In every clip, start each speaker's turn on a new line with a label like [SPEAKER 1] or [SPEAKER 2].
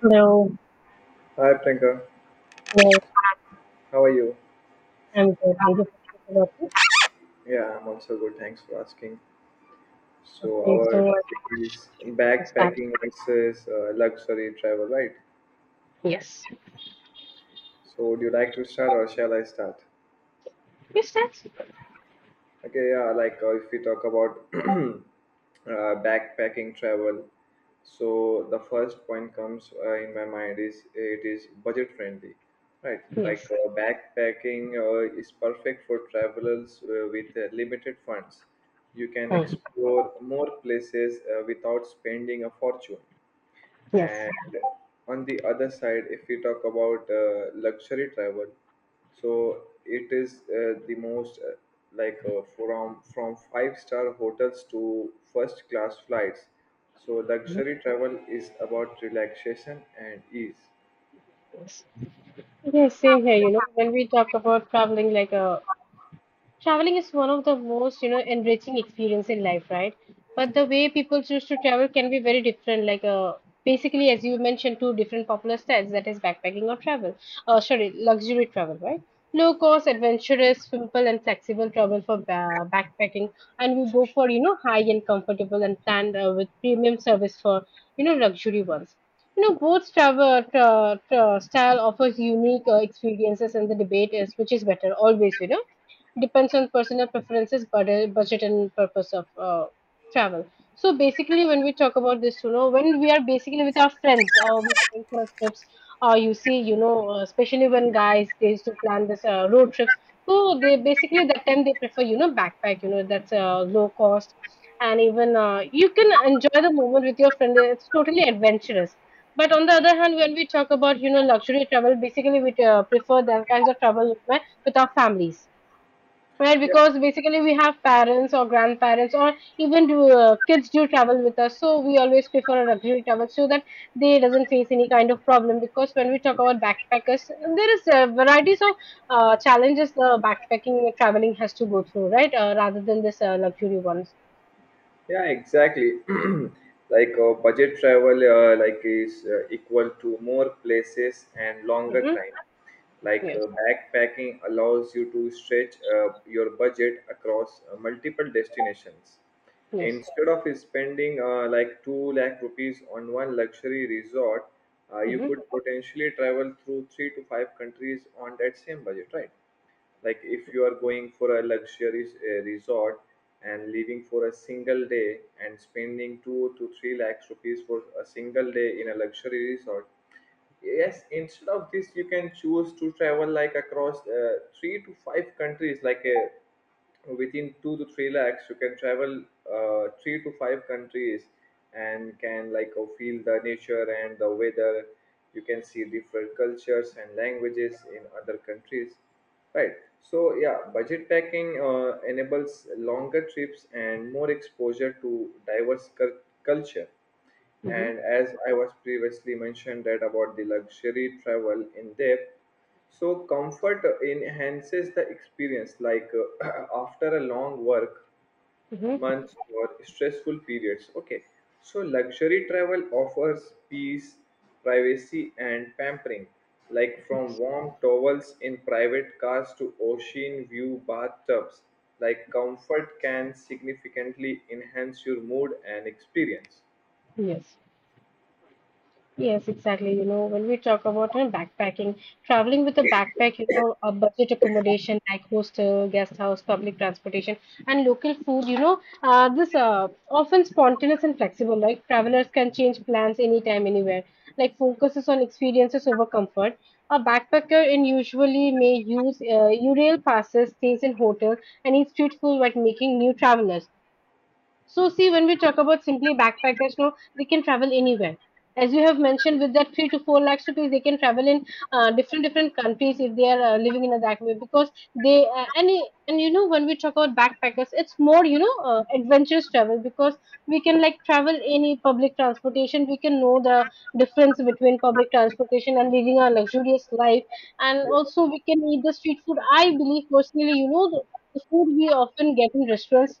[SPEAKER 1] Hello.
[SPEAKER 2] Hi Priyanka,
[SPEAKER 1] Hello,
[SPEAKER 2] how are you?
[SPEAKER 1] I'm good. Thank you for the topic.
[SPEAKER 2] Yeah, I'm also good. Thanks for asking. So
[SPEAKER 1] Okay,
[SPEAKER 2] our
[SPEAKER 1] so I
[SPEAKER 2] topic
[SPEAKER 1] think
[SPEAKER 2] is
[SPEAKER 1] we can start.
[SPEAKER 2] backpacking versus luxury travel, right?
[SPEAKER 1] Yes.
[SPEAKER 2] So would you like to start or shall I start?
[SPEAKER 1] You start?
[SPEAKER 2] Okay, yeah, like if we talk about backpacking travel. So the first point comes in my mind is it is budget friendly, right? Like
[SPEAKER 1] Yes.
[SPEAKER 2] backpacking is perfect for travelers with limited funds. You can
[SPEAKER 1] Hmm.
[SPEAKER 2] explore more places without spending a fortune.
[SPEAKER 1] Yes.
[SPEAKER 2] And on the other side, if we talk about luxury travel, so it is the most from five-star hotels to first class flights. So luxury travel is about relaxation and ease.
[SPEAKER 1] Yes. Yes, same here. When we talk about traveling, traveling is one of the most, enriching experience in life, right? But the way people choose to travel can be very different. Basically, as you mentioned, two different popular styles, that is backpacking or travel. Sorry, luxury travel, right? Low cost, adventurous, simple, and flexible travel for backpacking, and we go for high and comfortable and planned with premium service for luxury ones. You know, both travel style offers unique experiences, and the debate is which is better always, you know, depends on personal preferences, budget and purpose of travel. So basically, when we talk about this, you know, when we are basically with our friends or we going for trips, or you see, especially when guys they used to plan this road trips. So they basically that time they prefer, you know, backpack. You know, that's low cost, and even you can enjoy the moment with your friend. It's totally adventurous. But on the other hand, when we talk about you know luxury travel, basically we prefer that kinds of travel with my with our families, right?
[SPEAKER 2] Yeah,
[SPEAKER 1] Because basically we have parents or grandparents or even do, kids do travel with us, so we always prefer a luxury travel so that they doesn't face any kind of problem, because when we talk about backpackers there is varieties of challenges the backpacking traveling has to go through, right, rather than this luxury ones.
[SPEAKER 2] yeah, exactly. Like budget travel, like is equal to more places and longer
[SPEAKER 1] Hmm.
[SPEAKER 2] time. Like
[SPEAKER 1] Yes.
[SPEAKER 2] backpacking allows you to stretch your budget across multiple destinations.
[SPEAKER 1] Yes.
[SPEAKER 2] Instead of spending like 2 lakh rupees on one luxury resort, you
[SPEAKER 1] Hmm.
[SPEAKER 2] could potentially travel through three to five countries on that same budget, right? Like if you are going for a luxurious resort and leaving for a single day and spending 2 to 3 lakhs rupees for a single day in a luxury resort. Yes, instead of this you can choose to travel like across three to five countries, like a within 2 to 3 lakhs you can travel three to five countries, and can like feel the nature and the weather. You can see different cultures and languages in other countries, right? So yeah, budget packing enables longer trips and more exposure to diverse culture.
[SPEAKER 1] Hmm.
[SPEAKER 2] And as I was previously mentioned that about the luxury travel in depth, so comfort enhances the experience, like after a long work
[SPEAKER 1] Hmm.
[SPEAKER 2] months or stressful periods. Okay, so luxury travel offers peace, privacy and pampering, like from warm towels in private cars to ocean view bathtubs. Like comfort can significantly enhance your mood and experience.
[SPEAKER 1] Yes. Yes, exactly. You know, when we talk about backpacking, traveling with a backpack, you know, a budget accommodation like hostel, guest house, public transportation, and local food, this often spontaneous and flexible. Like travelers can change plans anytime, anywhere. Like focuses on experiences over comfort. A backpacker in usually may use U rail passes, stays in hotel, and eat street food while making new travelers. So see, when we talk about simply backpackers, no, they can travel anywhere. As you have mentioned, with that three to four lakhs rupees, they can travel in different different countries if they are living in a that way, because they and and you know when we talk about backpackers, it's more you know adventurous travel, because we can like travel any public transportation. We can know the difference between public transportation and living a luxurious life, and also we can eat the street food. I believe personally, you know, the food we often get in restaurants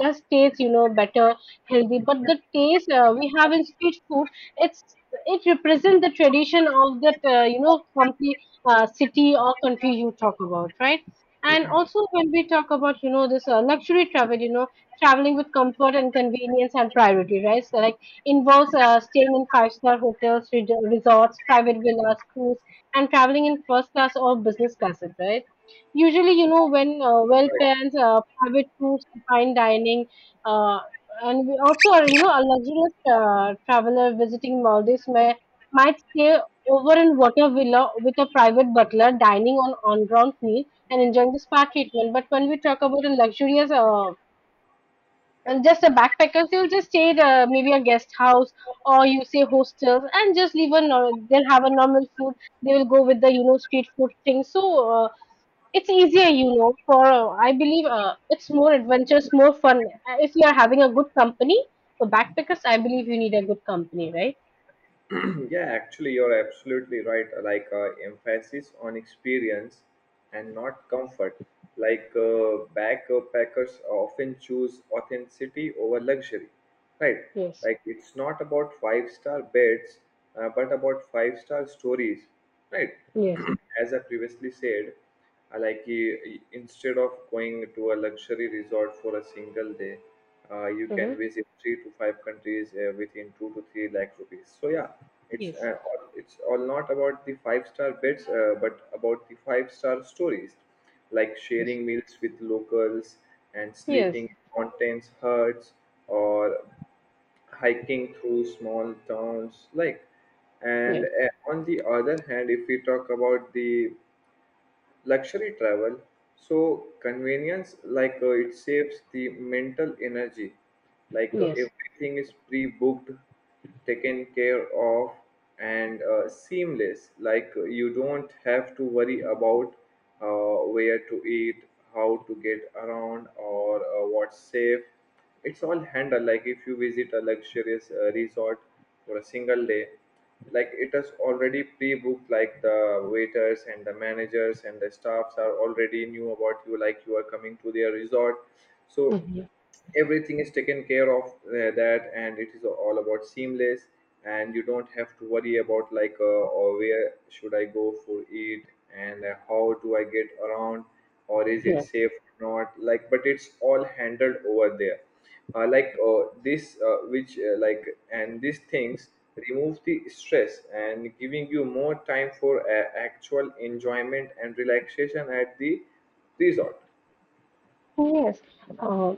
[SPEAKER 1] does taste, you know, better, healthy. But the taste we have in street food, it's it represents the tradition of that, country, city or country you talk about, right? And also when we talk about, you know, this luxury travel, you know, traveling with comfort and convenience and priority, right? So like involves staying in five-star hotels, resorts, private villas, cruise, and traveling in first class or business class, right? Usually, you know, when well
[SPEAKER 2] Yeah.
[SPEAKER 1] plans, private tours, fine dining, uh, and we also are, you know, a luxurious traveler visiting Maldives may might stay over in water villa with a private butler, dining on on-ground meal and enjoying the spa treatment. But when we talk about a luxurious, and just a backpackers, they'll just stay at maybe a guest house or you say hostels and just leave a, they'll have a normal food. They will go with the, you know, street food thing. So it's easier, you know, for I believe it's more adventurous, more fun. If you are having a good company for backpackers, I believe you need a good company, right?
[SPEAKER 2] Yeah, actually, you're absolutely right. Like emphasis on experience and not comfort. Like backpackers often choose authenticity over luxury, right?
[SPEAKER 1] Yes,
[SPEAKER 2] Like it's not about five-star beds, but about five-star stories, right?
[SPEAKER 1] yes,
[SPEAKER 2] As I previously said, like you, instead of going to a luxury resort for a single day, you
[SPEAKER 1] uh,
[SPEAKER 2] can visit three to five countries within 2 to 3 lakh rupees. So yeah, it's
[SPEAKER 1] yes,
[SPEAKER 2] uh, all- it's all not about the five-star beds, but about the five-star stories, like
[SPEAKER 1] yes,
[SPEAKER 2] sharing meals with locals and
[SPEAKER 1] yes,
[SPEAKER 2] sleeping in mountains huts or hiking through small towns, like. And
[SPEAKER 1] yes,
[SPEAKER 2] on the other hand, if we talk about the luxury travel, so convenience, like it saves the mental energy. Like
[SPEAKER 1] yes.
[SPEAKER 2] everything is pre-booked, taken care of, and seamless. Like you don't have to worry about where to eat, how to get around, or what's safe. It's all handled. Like if you visit a luxurious resort for a single day, like it is already pre-booked, like the waiters and the managers and the staffs are already knew about you, like you are coming to their resort. So
[SPEAKER 1] Mhm.
[SPEAKER 2] everything is taken care of that, and it is all about seamless, and you don't have to worry about, like or where should I go for it, and how do I get around, or is it
[SPEAKER 1] Yes.
[SPEAKER 2] safe or not, like, but it's all handled over there. Like this which Like, and these things remove the stress and giving you more time for actual enjoyment and relaxation at the resort.
[SPEAKER 1] Yes, uh,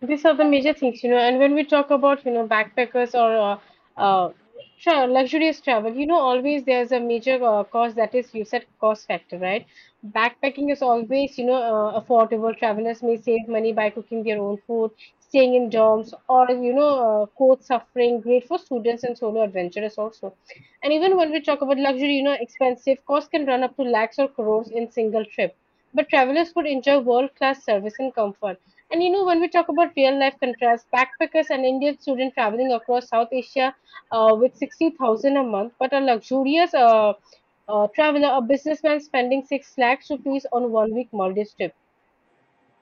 [SPEAKER 1] these are the major things, you know. And when we talk about, you know, backpackers or uh, uh, tra luxurious travel, you know, always there's a major cost, that is, you said, cost factor, right? Backpacking is always, affordable. Travelers may save money by cooking their own food, staying in dorms, or, coach suffering, great for students and solo adventurers also. And even when we talk about luxury, you know, expensive costs can run up to lakhs or crores in single trip, but travelers would enjoy world-class service and comfort. And you know, when we talk about real-life contrast, backpackers and Indian students traveling across South Asia with 60,000 a month, but a luxurious traveler, a businessman spending 6 lakhs rupees on one-week Maldives trip.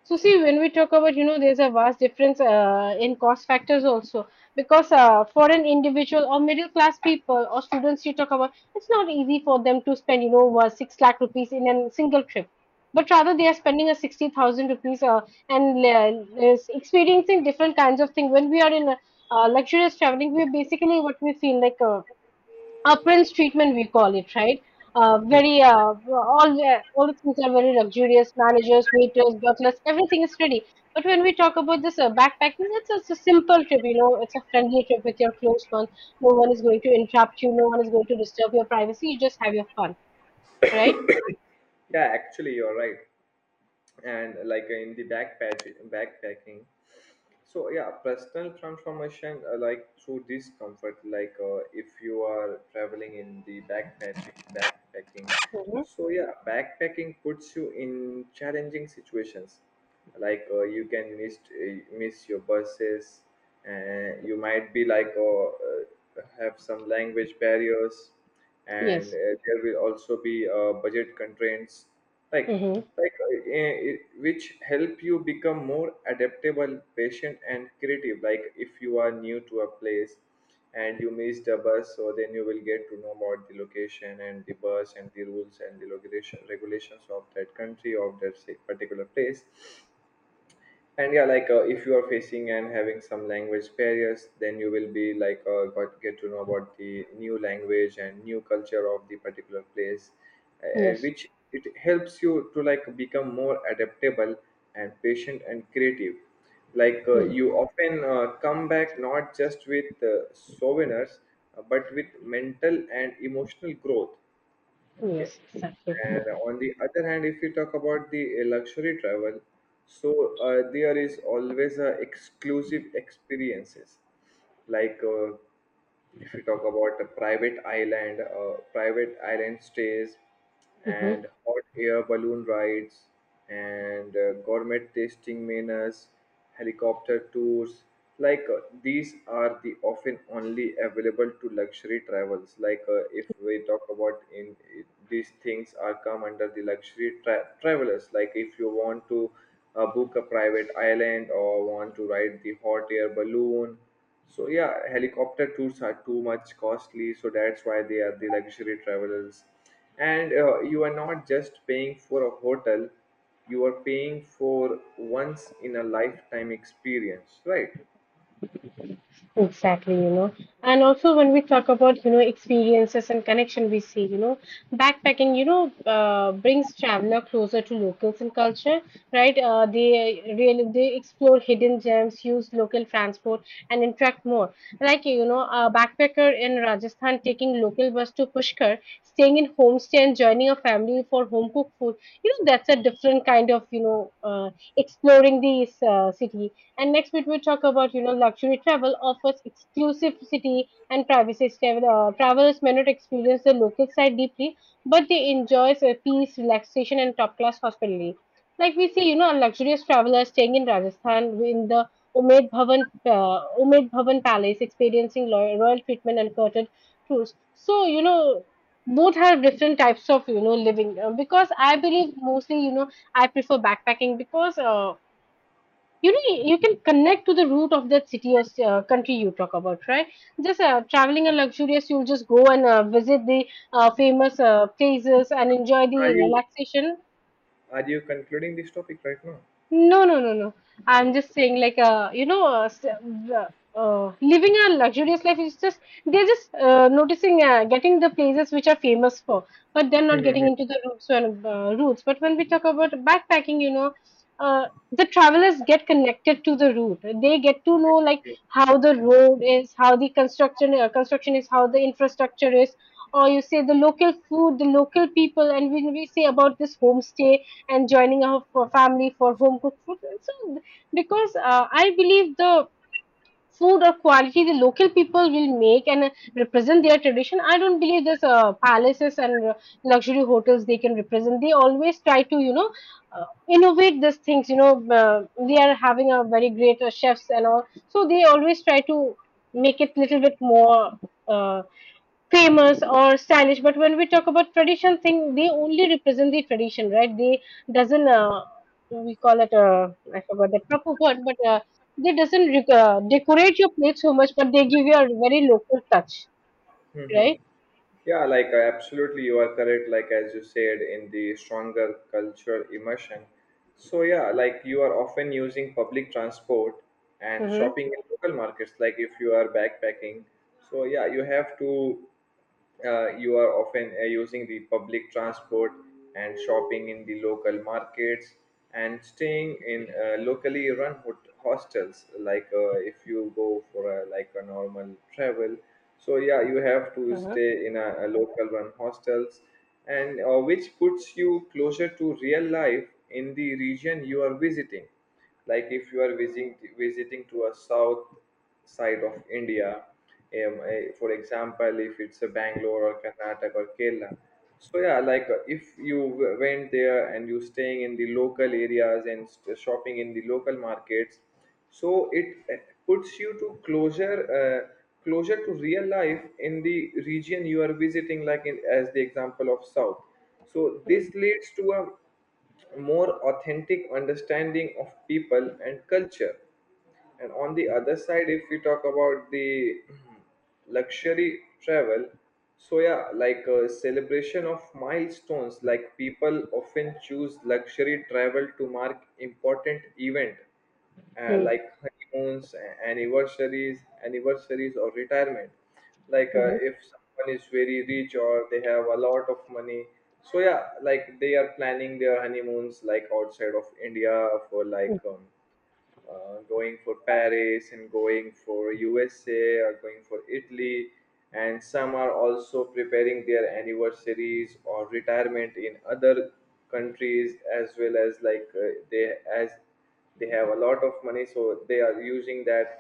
[SPEAKER 1] So see, when we talk about, you know, there's a vast difference in cost factors also, because for an individual or middle class people or students you talk about, it's not easy for them to spend, six lakh rupees in a single trip. But rather, they are spending a 60,000 rupees and is experiencing different kinds of things. When we are in luxurious traveling, we basically what we feel like. Appearance treatment we call it, right? Very all all the things are very luxurious, managers, waiters, butlers, everything is ready. But when we talk about this backpacking, it's a simple trip, you know, it's a friendly trip with your close ones. No one is going to interrupt you, no one is going to disturb your privacy, you just have your fun, right?
[SPEAKER 2] Yeah, actually you're right. And like in the backpacking, so yeah, personal transformation, like through discomfort, like if you are traveling in the backpacking,
[SPEAKER 1] Hmm.
[SPEAKER 2] so yeah, backpacking puts you in challenging situations. Like you can miss your buses, and you might be like have some language barriers, and
[SPEAKER 1] Yes.
[SPEAKER 2] there will also be budget constraints, like
[SPEAKER 1] Hmm.
[SPEAKER 2] like which help you become more adaptable, patient and creative. Like if you are new to a place and you miss the bus, so then you will get to know about the location and the bus and the rules and the regulations of that country, of that, say, particular place. And yeah, like if you are facing and having some language barriers, then you will be like got get to know about the new language and new culture of the particular place.
[SPEAKER 1] Yes.
[SPEAKER 2] Which it helps you to, like, become more adaptable and patient and creative, like
[SPEAKER 1] Hmm.
[SPEAKER 2] you often come back not just with souvenirs, but with mental and emotional growth. Okay.
[SPEAKER 1] Yes, exactly.
[SPEAKER 2] And on the other hand, if you talk about the luxury travel, so there is always exclusive experiences. Like if you talk about a private island stays, and
[SPEAKER 1] Mhm.
[SPEAKER 2] hot air balloon rides, and gourmet tasting menus, helicopter tours. Like these are the often only available to luxury travels. Like if we talk about in, these things are come under the luxury travelers. Like if you want to book a private island or want to ride the hot air balloon. So yeah, helicopter tours are too much costly. So that's why they are the luxury travelers, and you are not just paying for a hotel, you are paying for once in a lifetime experience, right?
[SPEAKER 1] Exactly, you know. And also when we talk about, you know, experiences and connection we see, you know, backpacking, brings traveler closer to locals and culture, right? They really they explore hidden gems, use local transport and interact more. Like, you know, a backpacker in Rajasthan taking local bus to Pushkar, staying in homestay and joining a family for home cooked food. You know, that's a different kind of, exploring the city. And next week we talk about you know luxury travel offers exclusivity and privacy. Travelers may not experience the local side deeply, but they enjoy peace, relaxation, and top class hospitality. Like we see, you know, a luxurious traveler staying in Rajasthan in the Umaid Bhavan Palace, experiencing royal treatment and curtain tours. So you know, both have different types of you know living because I believe mostly you know I prefer backpacking, because you know you can connect to the root of that city or country you talk about, right? Just traveling and luxurious you'll just go and visit the famous places and enjoy the
[SPEAKER 2] are you
[SPEAKER 1] relaxation.
[SPEAKER 2] are you concluding this topic right now?
[SPEAKER 1] No, no, no, no.
[SPEAKER 2] Yeah,
[SPEAKER 1] I'm just saying, like, living a luxurious life is just they're just noticing, getting the places which are famous for, but they're not getting
[SPEAKER 2] okay.
[SPEAKER 1] into the roots and roots. But when we talk about backpacking, you know, the travelers get connected to the route. They get to know like how the road is, how the construction is, how the infrastructure is, or you say the local food, the local people, and when we say about this homestay and joining a for family for home cooked food. So, because I believe the food or quality the local people will make and represent their tradition, I don't believe there's palaces and luxury hotels they can represent. They always try to, innovate these things. They are having a very great chefs and all, so they always try to make it little bit more. Uh, famous or stylish, but when we talk about tradition thing they only represent the tradition, right? They doesn't we call it I forgot the proper word, but they doesn't decorate your plate so much, but they give you a very local touch, right?
[SPEAKER 2] Yeah, like absolutely, you are correct. Like as you said, in the stronger cultural immersion. So yeah, like you are often using public transport and
[SPEAKER 1] Mm-hmm.
[SPEAKER 2] shopping in local markets. Like if you are backpacking, so yeah, you have to. You are often using the public transport and shopping in the local markets and staying in locally run hostels. Like if you go for like a normal travel. So yeah, you have to
[SPEAKER 1] Uh-huh.
[SPEAKER 2] stay in a local one hostels, and which puts you closer to real life in the region you are visiting. Like if you are visiting to a south side of India, for example, if it's a Bangalore or Karnataka or Kerala. So yeah, like if you went there and you staying in the local areas and shopping in the local markets, so it puts you to uh, closer to real life in the region you are visiting, like in, as the example of south, so this leads to a more authentic understanding of people and culture. And on the other side, if we talk about the luxury travel, so yeah, like a celebration of milestones, like people often choose luxury travel to mark important event,
[SPEAKER 1] Mm-hmm.
[SPEAKER 2] like honeymoons, anniversaries or retirement, like if someone is very rich or they have a lot of money. So yeah, like they are planning their honeymoons, like outside of India, for like going for Paris and going for USA or going for Italy, and some are also preparing their anniversaries or retirement in other countries as well as like they, as they have a lot of money, so they are using that,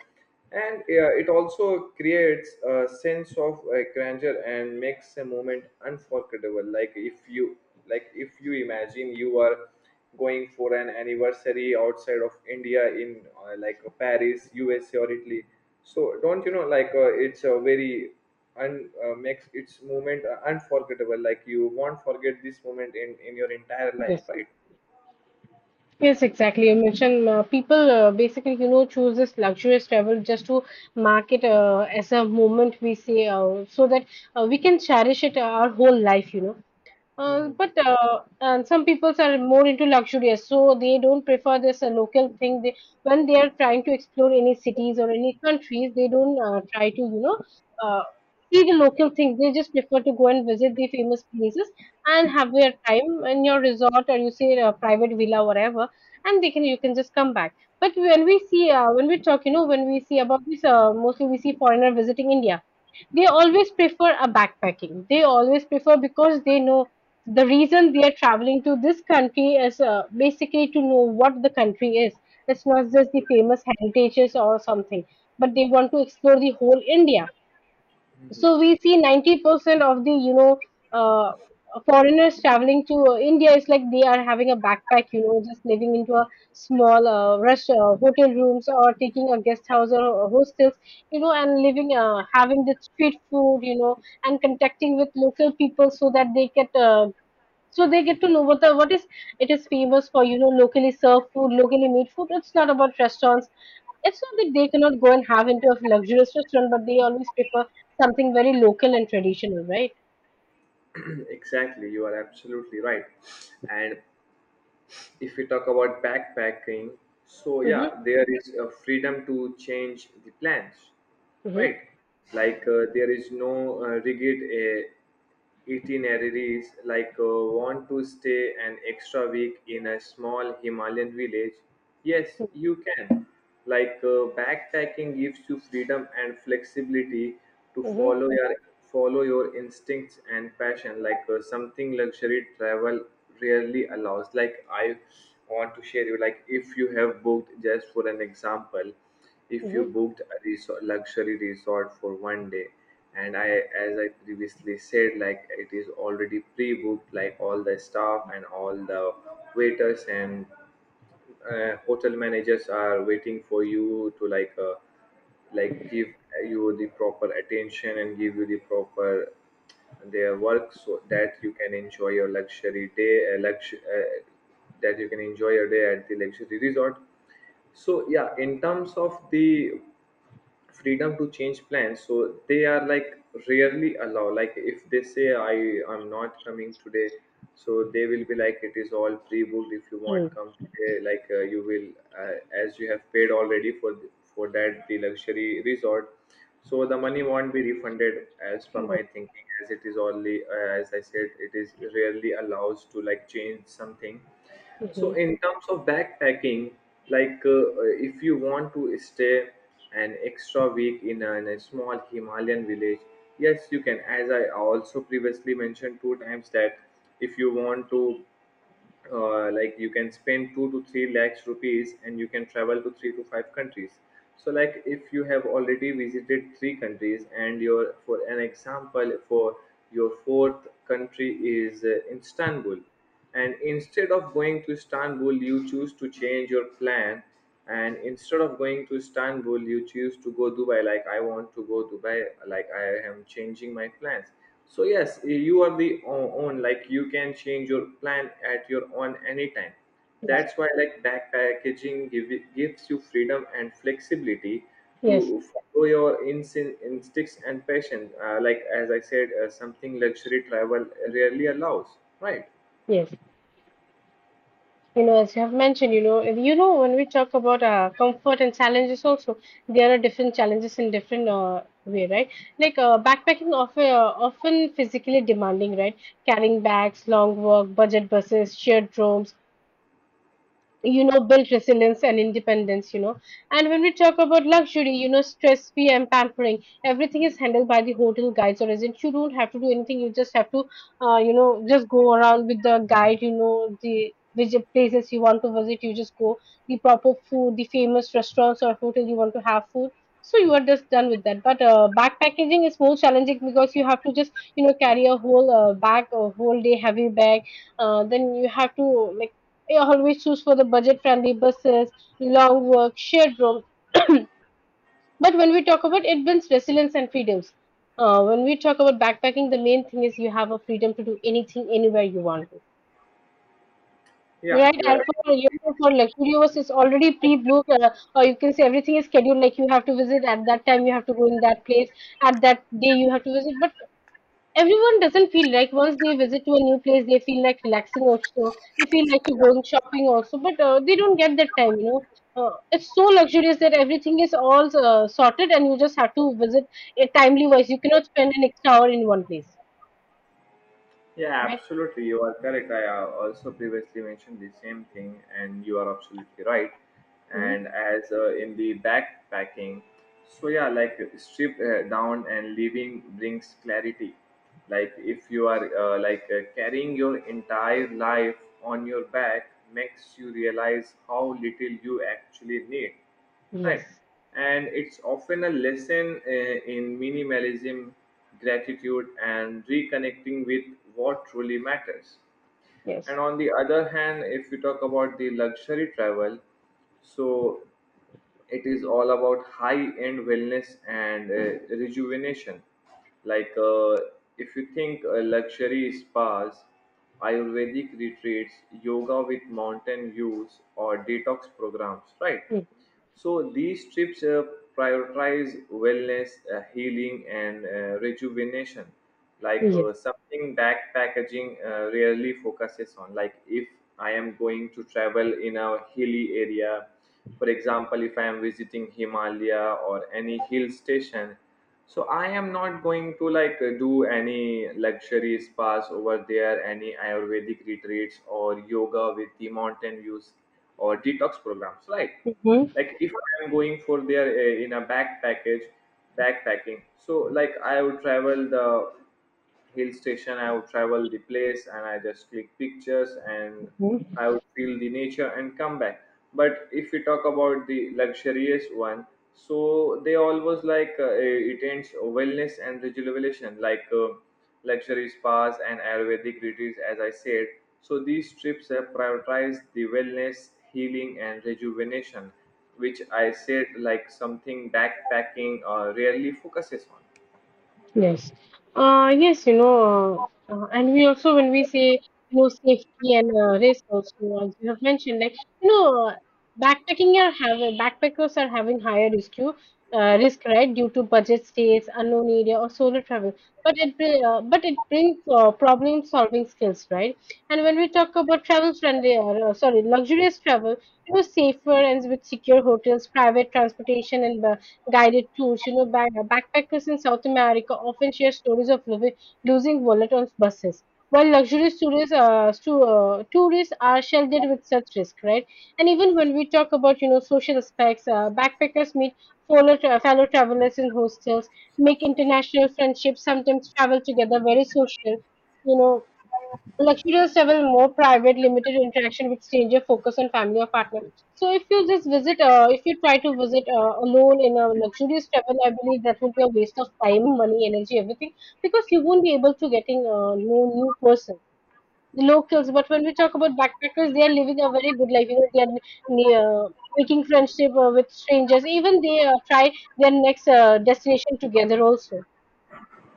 [SPEAKER 2] and yeah, it also creates a sense of grandeur and makes a moment unforgettable. Like if you imagine you are going for an anniversary outside of India in like Paris, USA, or Italy. So don't you know, like it's a very un makes its moment unforgettable. Like you won't forget this moment in your entire life,
[SPEAKER 1] Yes.
[SPEAKER 2] right?
[SPEAKER 1] Yes, exactly. You mentioned people basically, you know, choose this luxurious travel just to mark it as a moment we see, so that we can cherish it our whole life, you know.
[SPEAKER 2] Mhm.
[SPEAKER 1] But and some people are more into luxurious, so they don't prefer this local thing. They, when they are trying to explore any cities or any countries, they don't try to you know uh, see the local things. They just prefer to go and visit the famous places and have their time in your resort or you say a private villa, whatever, and they can you can just come back. But when we talk, when we see about this, mostly we see foreigner visiting India. They always prefer a backpacking, they always prefer, because they know the reason we are traveling to this country is basically to know what the country is. It's not just the famous heritages or something, but they want to explore the whole India. So we see 90% of the, uh, foreigners traveling to India is like they are having a backpack, you know, just living into a small rush, hotel rooms, or taking a guest house or hostels, you know, and living, having the street food, you know, and contacting with local people so that they get to know what the what is it is famous for, you know, locally served food, locally made food. It's not about restaurants. It's not that they cannot go and have into a luxurious restaurant, but they always prefer something very local and traditional, right?
[SPEAKER 2] Exactly, you are absolutely right. And if we talk about backpacking, so
[SPEAKER 1] Mm-hmm.
[SPEAKER 2] yeah, there is a freedom to change the plans,
[SPEAKER 1] Mm-hmm.
[SPEAKER 2] right? Like there is no rigid itineraries. Like want to stay an extra week in a small Himalayan village? Yes, you can. Like, backpacking gives you freedom and flexibility to
[SPEAKER 1] Mm-hmm.
[SPEAKER 2] follow your instincts and passion, like, something luxury travel rarely allows. Like, I want to share you, like, if you have booked, just for an example, if you
[SPEAKER 1] Mm-hmm.
[SPEAKER 2] booked a resort, luxury resort, for one day. And I as I previously said, like, it is already pre-booked, like, all the staff and all the waiters and hotel managers are waiting for you to, like, like, give you the proper attention and give you the proper, their work, so that you can enjoy your luxury day, that you can enjoy your day at the luxury resort. So yeah, in terms of the freedom to change plans, so they are, like, rarely allow. Like, if they say, I'm not coming today, so they will be like, it is all pre-booked, if you want come today, like, you will, uh, as you have paid already for for that the luxury resort, so the money won't be refunded, as per
[SPEAKER 1] Mm-hmm.
[SPEAKER 2] my thinking, as it is only, as I said, it is rarely allows to like change something. So
[SPEAKER 1] Mm-hmm.
[SPEAKER 2] in terms of backpacking, like, if you want to stay an extra week in in a small Himalayan village, yes, you can. As I also previously mentioned two times, that if you want to, like, you can spend 2 to 3 lakhs rupees and you can travel to three to five countries. So like, if you have already visited three countries, and your, for an example, for your fourth country is, istanbul, and instead of going to istanbul you choose to change your plan, and instead of going to istanbul you choose to go dubai. Like, I want to go dubai, like, I am changing my plans. So yes, you are the own, like, you can change your plan at your own anytime.
[SPEAKER 1] Yes.
[SPEAKER 2] That's why, like, backpacking gives you freedom and flexibility
[SPEAKER 1] Yes.
[SPEAKER 2] to follow your instincts and passion, like, as I said, something luxury travel rarely allows, right?
[SPEAKER 1] Yes. You know, as you have mentioned, when we talk about comfort and challenges, also there are different challenges in different way, right? Like backpacking, often physically demanding, right? Carrying bags, long walk, budget buses, shared rooms, you know, build resilience and independence, you know. And when we talk about luxury, you know, stress free and pampering, everything is handled by the hotel guides or agent. You don't have to do anything, you just have to, you know, just go around with the guide. You know, the which places you want to visit, you just go, the proper food, the famous restaurants or hotel you want to have food, so you are just done with that. But backpacking is more challenging because you have to just, you know, carry a whole bag, a whole day heavy bag. Then you have to, like, I always choose for the budget friendly buses, long work, shared room. But when we talk about, it builds resilience and freedoms. When we talk about backpacking, the main thing is you have a freedom to do anything anywhere you want to.
[SPEAKER 2] Yeah,
[SPEAKER 1] Right,
[SPEAKER 2] you
[SPEAKER 1] and
[SPEAKER 2] are.
[SPEAKER 1] for, you know, for luxury it's already pre-booked, or you can say everything is scheduled. Like you have to visit at that time, you have to go in that place at that day, you have to visit. But everyone doesn't feel like once they visit to a new place, they feel like relaxing also. They feel like to go shopping also, but they don't get that time, you know. It's so luxurious that everything is all sorted, and you just have to visit a timely wise. You cannot spend an extra hour in one place,
[SPEAKER 2] Yeah,
[SPEAKER 1] right?
[SPEAKER 2] absolutely. You are correct. I, also previously mentioned the same thing, and you are absolutely right.
[SPEAKER 1] Mhm.
[SPEAKER 2] And as, in the backpacking, so yeah, like, strip, down and living brings clarity. Like, if you are, like, carrying your entire life on your back, makes you realize how little you actually need, right?
[SPEAKER 1] Yes,
[SPEAKER 2] And it's often a lesson, in minimalism, gratitude, and reconnecting with what truly matters.
[SPEAKER 1] yes.
[SPEAKER 2] And on the other hand, if we talk about the luxury travel, so it is all about high end wellness and, rejuvenation. Like, if you think, luxury spas, ayurvedic retreats, yoga with mountain views, or detox programs, right?
[SPEAKER 1] Mm.
[SPEAKER 2] So these trips, prioritize wellness, healing, and, rejuvenation, like,
[SPEAKER 1] Yes.
[SPEAKER 2] something backpackaging rarely focuses on. Like, if I am going to travel in a hilly area, for example, if I am visiting himalaya or any hill station, so I am not going to, like, do any luxury spas over there, any ayurvedic retreats or yoga with the mountain views or detox programs, right?
[SPEAKER 1] Hmm.
[SPEAKER 2] Like, if I am going for there, in a backpacking, so like, I would travel the hill station, I would travel the place, and I just click pictures and I would feel the nature and come back. But if we talk about the luxurious one, so they always, like, it ends wellness and rejuvenation, like, luxury spas and Ayurvedic retreats, as I said. So these trips have prioritized the wellness, healing, and rejuvenation, which I said, like, something backpacking rarely focuses on.
[SPEAKER 1] Yes. Yes, you know, and we also, when we say, you know, safety and risk also, as you have mentioned, like, you know, uh, backpacking are having, backpackers are having higher risk, you, risk, right, due to budget stays, unknown area, or solo travel. But but it brings problem solving skills, right? And when we talk about travel friendly, or, sorry, luxurious travel, you know, safer and with secure hotels, private transportation, and guided tours. You know, backpackers in South America often share stories of living, losing wallet on buses, while luxury tourists, tourists are sheltered with such risk, right? And even when we talk about, you know, social aspects, backpackers meet fellow travelers in hostels, make international friendships, sometimes travel together, very social. You know, luxurious travel, more private, limited interaction with stranger, focus on family or partner. So if you just visit, if you try to visit alone in a luxurious travel, I believe that will be a waste of time, money, energy, everything, because you won't be able to getting know new person. The locals, but when we talk about backpackers, they are living a very good life. You know, they are near, making friendship with strangers. Even they try their next destination together also.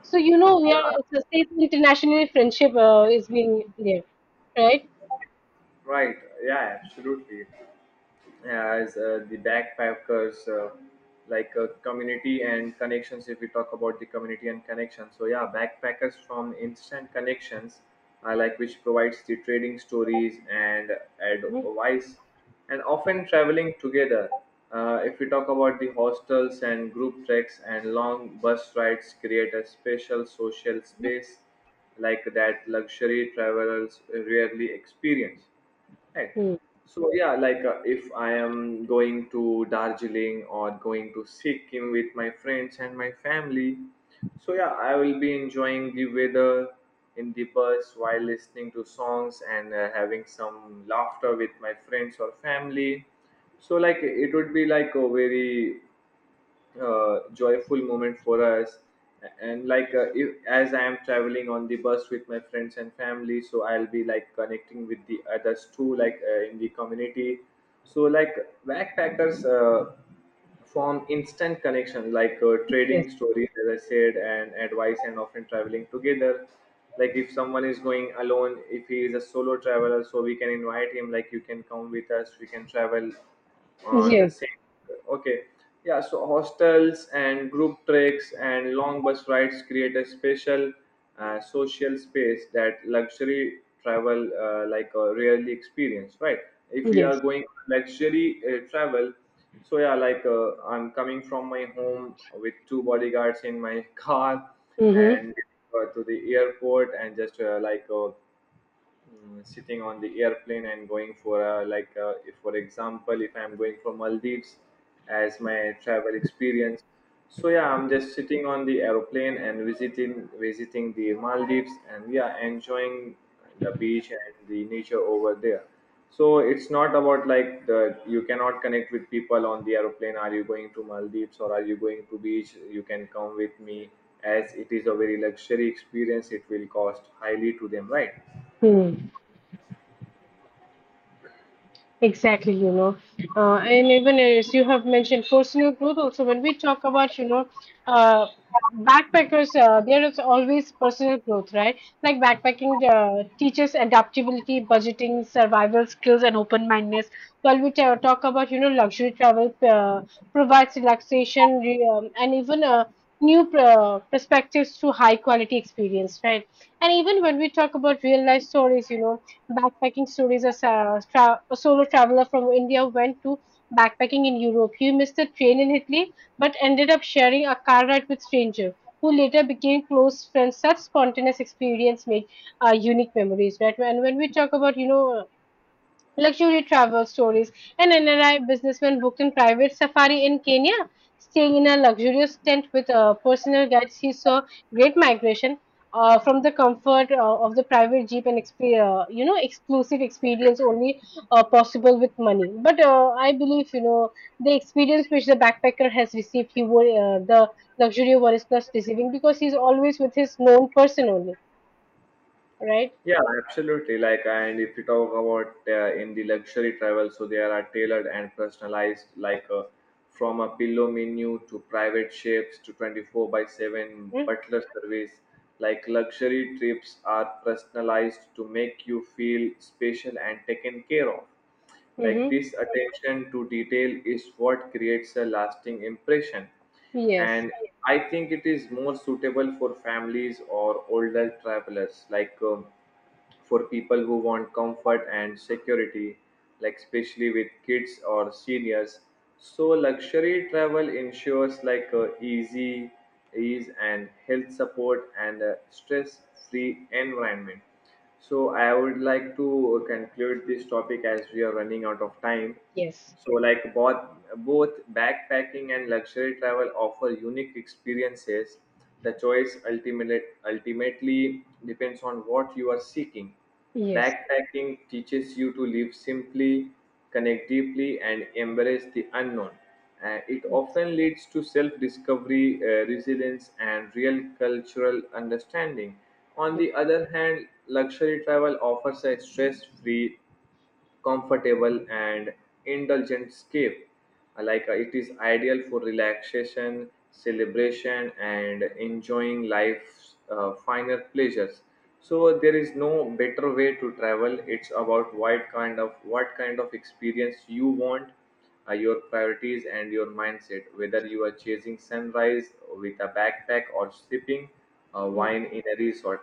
[SPEAKER 1] So you know, we are
[SPEAKER 2] Yeah,
[SPEAKER 1] it's internationally friendship is being there, right?
[SPEAKER 2] right. Yeah, absolutely. As, the backpackers, like, community and connections, if we talk about the community and connections, so yeah, backpackers from instant connections, like, which provides the trading stories and
[SPEAKER 1] Mhm.
[SPEAKER 2] advice, and often traveling together. If we talk about the hostels and group treks and long bus rides create a special social
[SPEAKER 1] Mhm.
[SPEAKER 2] space, like, that luxury travelers rarely experience. Right.
[SPEAKER 1] Mhm.
[SPEAKER 2] So yeah, like, if I am going to Darjeeling or going to Sikkim with my friends and my family, so yeah, I will be enjoying the weather in the bus while listening to songs and, having some laughter with my friends or family. So like, it would be like a very, joyful moment for us. And like, if, as I am traveling on the bus with my friends and family, so I'll be like, connecting with the others too, like, in the community. So like, backpackers, form instant connection, like,
[SPEAKER 1] Yes.
[SPEAKER 2] trading stories, as I said, and advice, and often traveling together. Like, if someone is going alone, if he is a solo traveler, so we can invite him, like, you can come with us, we can travel on the
[SPEAKER 1] Yes.
[SPEAKER 2] same. Okay. Yeah, so hostels and group treks and long bus rides create a special, social space that luxury travel, like, rarely experience, right? If we are
[SPEAKER 1] Yes.
[SPEAKER 2] going luxury, travel, so yeah, like, I'm coming from my home with two bodyguards in my car,
[SPEAKER 1] Mm-hmm.
[SPEAKER 2] and, to the airport, and just, like, sitting on the airplane and going for like, if, for example, if I'm going for maldives, as my travel experience, so yeah, I'm just sitting on the airplane and visiting the maldives, and yeah, enjoying the beach and the nature over there. So it's not about like the, you cannot connect with people on the airplane, are you going to maldives or are you going to beach, you can come with me, as it is a very luxury experience, it will cost highly to them, right?
[SPEAKER 1] Mm-hmm. Exactly, you know, and even as you have mentioned, personal growth. Also, when we talk about, uh, backpackers, there is always personal growth, right? Like backpacking teaches adaptability, budgeting, survival skills, and open mindedness. While talk about, you know, luxury travel provides relaxation, and even new perspectives through high quality experience, right? And even when we talk about real life stories, you know, backpacking stories, as a, a solo traveler from India went to backpacking in Europe. He missed the train in Italy but ended up sharing a car ride with stranger who later became close friends. Such spontaneous experience made unique memories, right? And when we talk about, you know, luxury travel stories. An NRI businessman booked a private safari in Kenya, staying in a luxurious tent with personal guides. He saw great migration from the comfort of the private jeep and you know, exclusive experience only possible with money. But I believe you know the experience which the backpacker has received, he would the luxury one is plus receiving because he's always with his known person only, right?
[SPEAKER 2] Yeah, absolutely. Like, and if you talk about, in the luxury travel, so there are tailored and personalized, like, from a pillow menu to private chefs to 24/7
[SPEAKER 1] Hmm?
[SPEAKER 2] butler service. Like, luxury trips are personalized to make you feel special and taken care of. Like,
[SPEAKER 1] Mm-hmm.
[SPEAKER 2] this attention to detail is what creates a lasting impression.
[SPEAKER 1] Yes,
[SPEAKER 2] And I think it is more suitable for families or older travelers. Like, for people who want comfort and security, like, especially with kids or seniors. So luxury travel ensures, like, easy ease and health support and a stress-free environment. So I would like to conclude this topic as we are running out of time.
[SPEAKER 1] yes,
[SPEAKER 2] So, like, both backpacking and luxury travel offer unique experiences. The choice ultimately depends on what you are seeking.
[SPEAKER 1] yes,
[SPEAKER 2] Backpacking teaches you to live simply, connect deeply, and embrace the unknown. It
[SPEAKER 1] yes.
[SPEAKER 2] often leads to self discovery, resilience, and real cultural understanding. On the other hand, luxury travel offers a stress free, comfortable, and indulgent escape. Like, it is ideal for relaxation, celebration, and enjoying life's, finer pleasures. So there is no better way to travel. It's about what kind of experience you want, your priorities and your mindset. Whether you are chasing sunrise with a backpack or sipping, wine in a resort,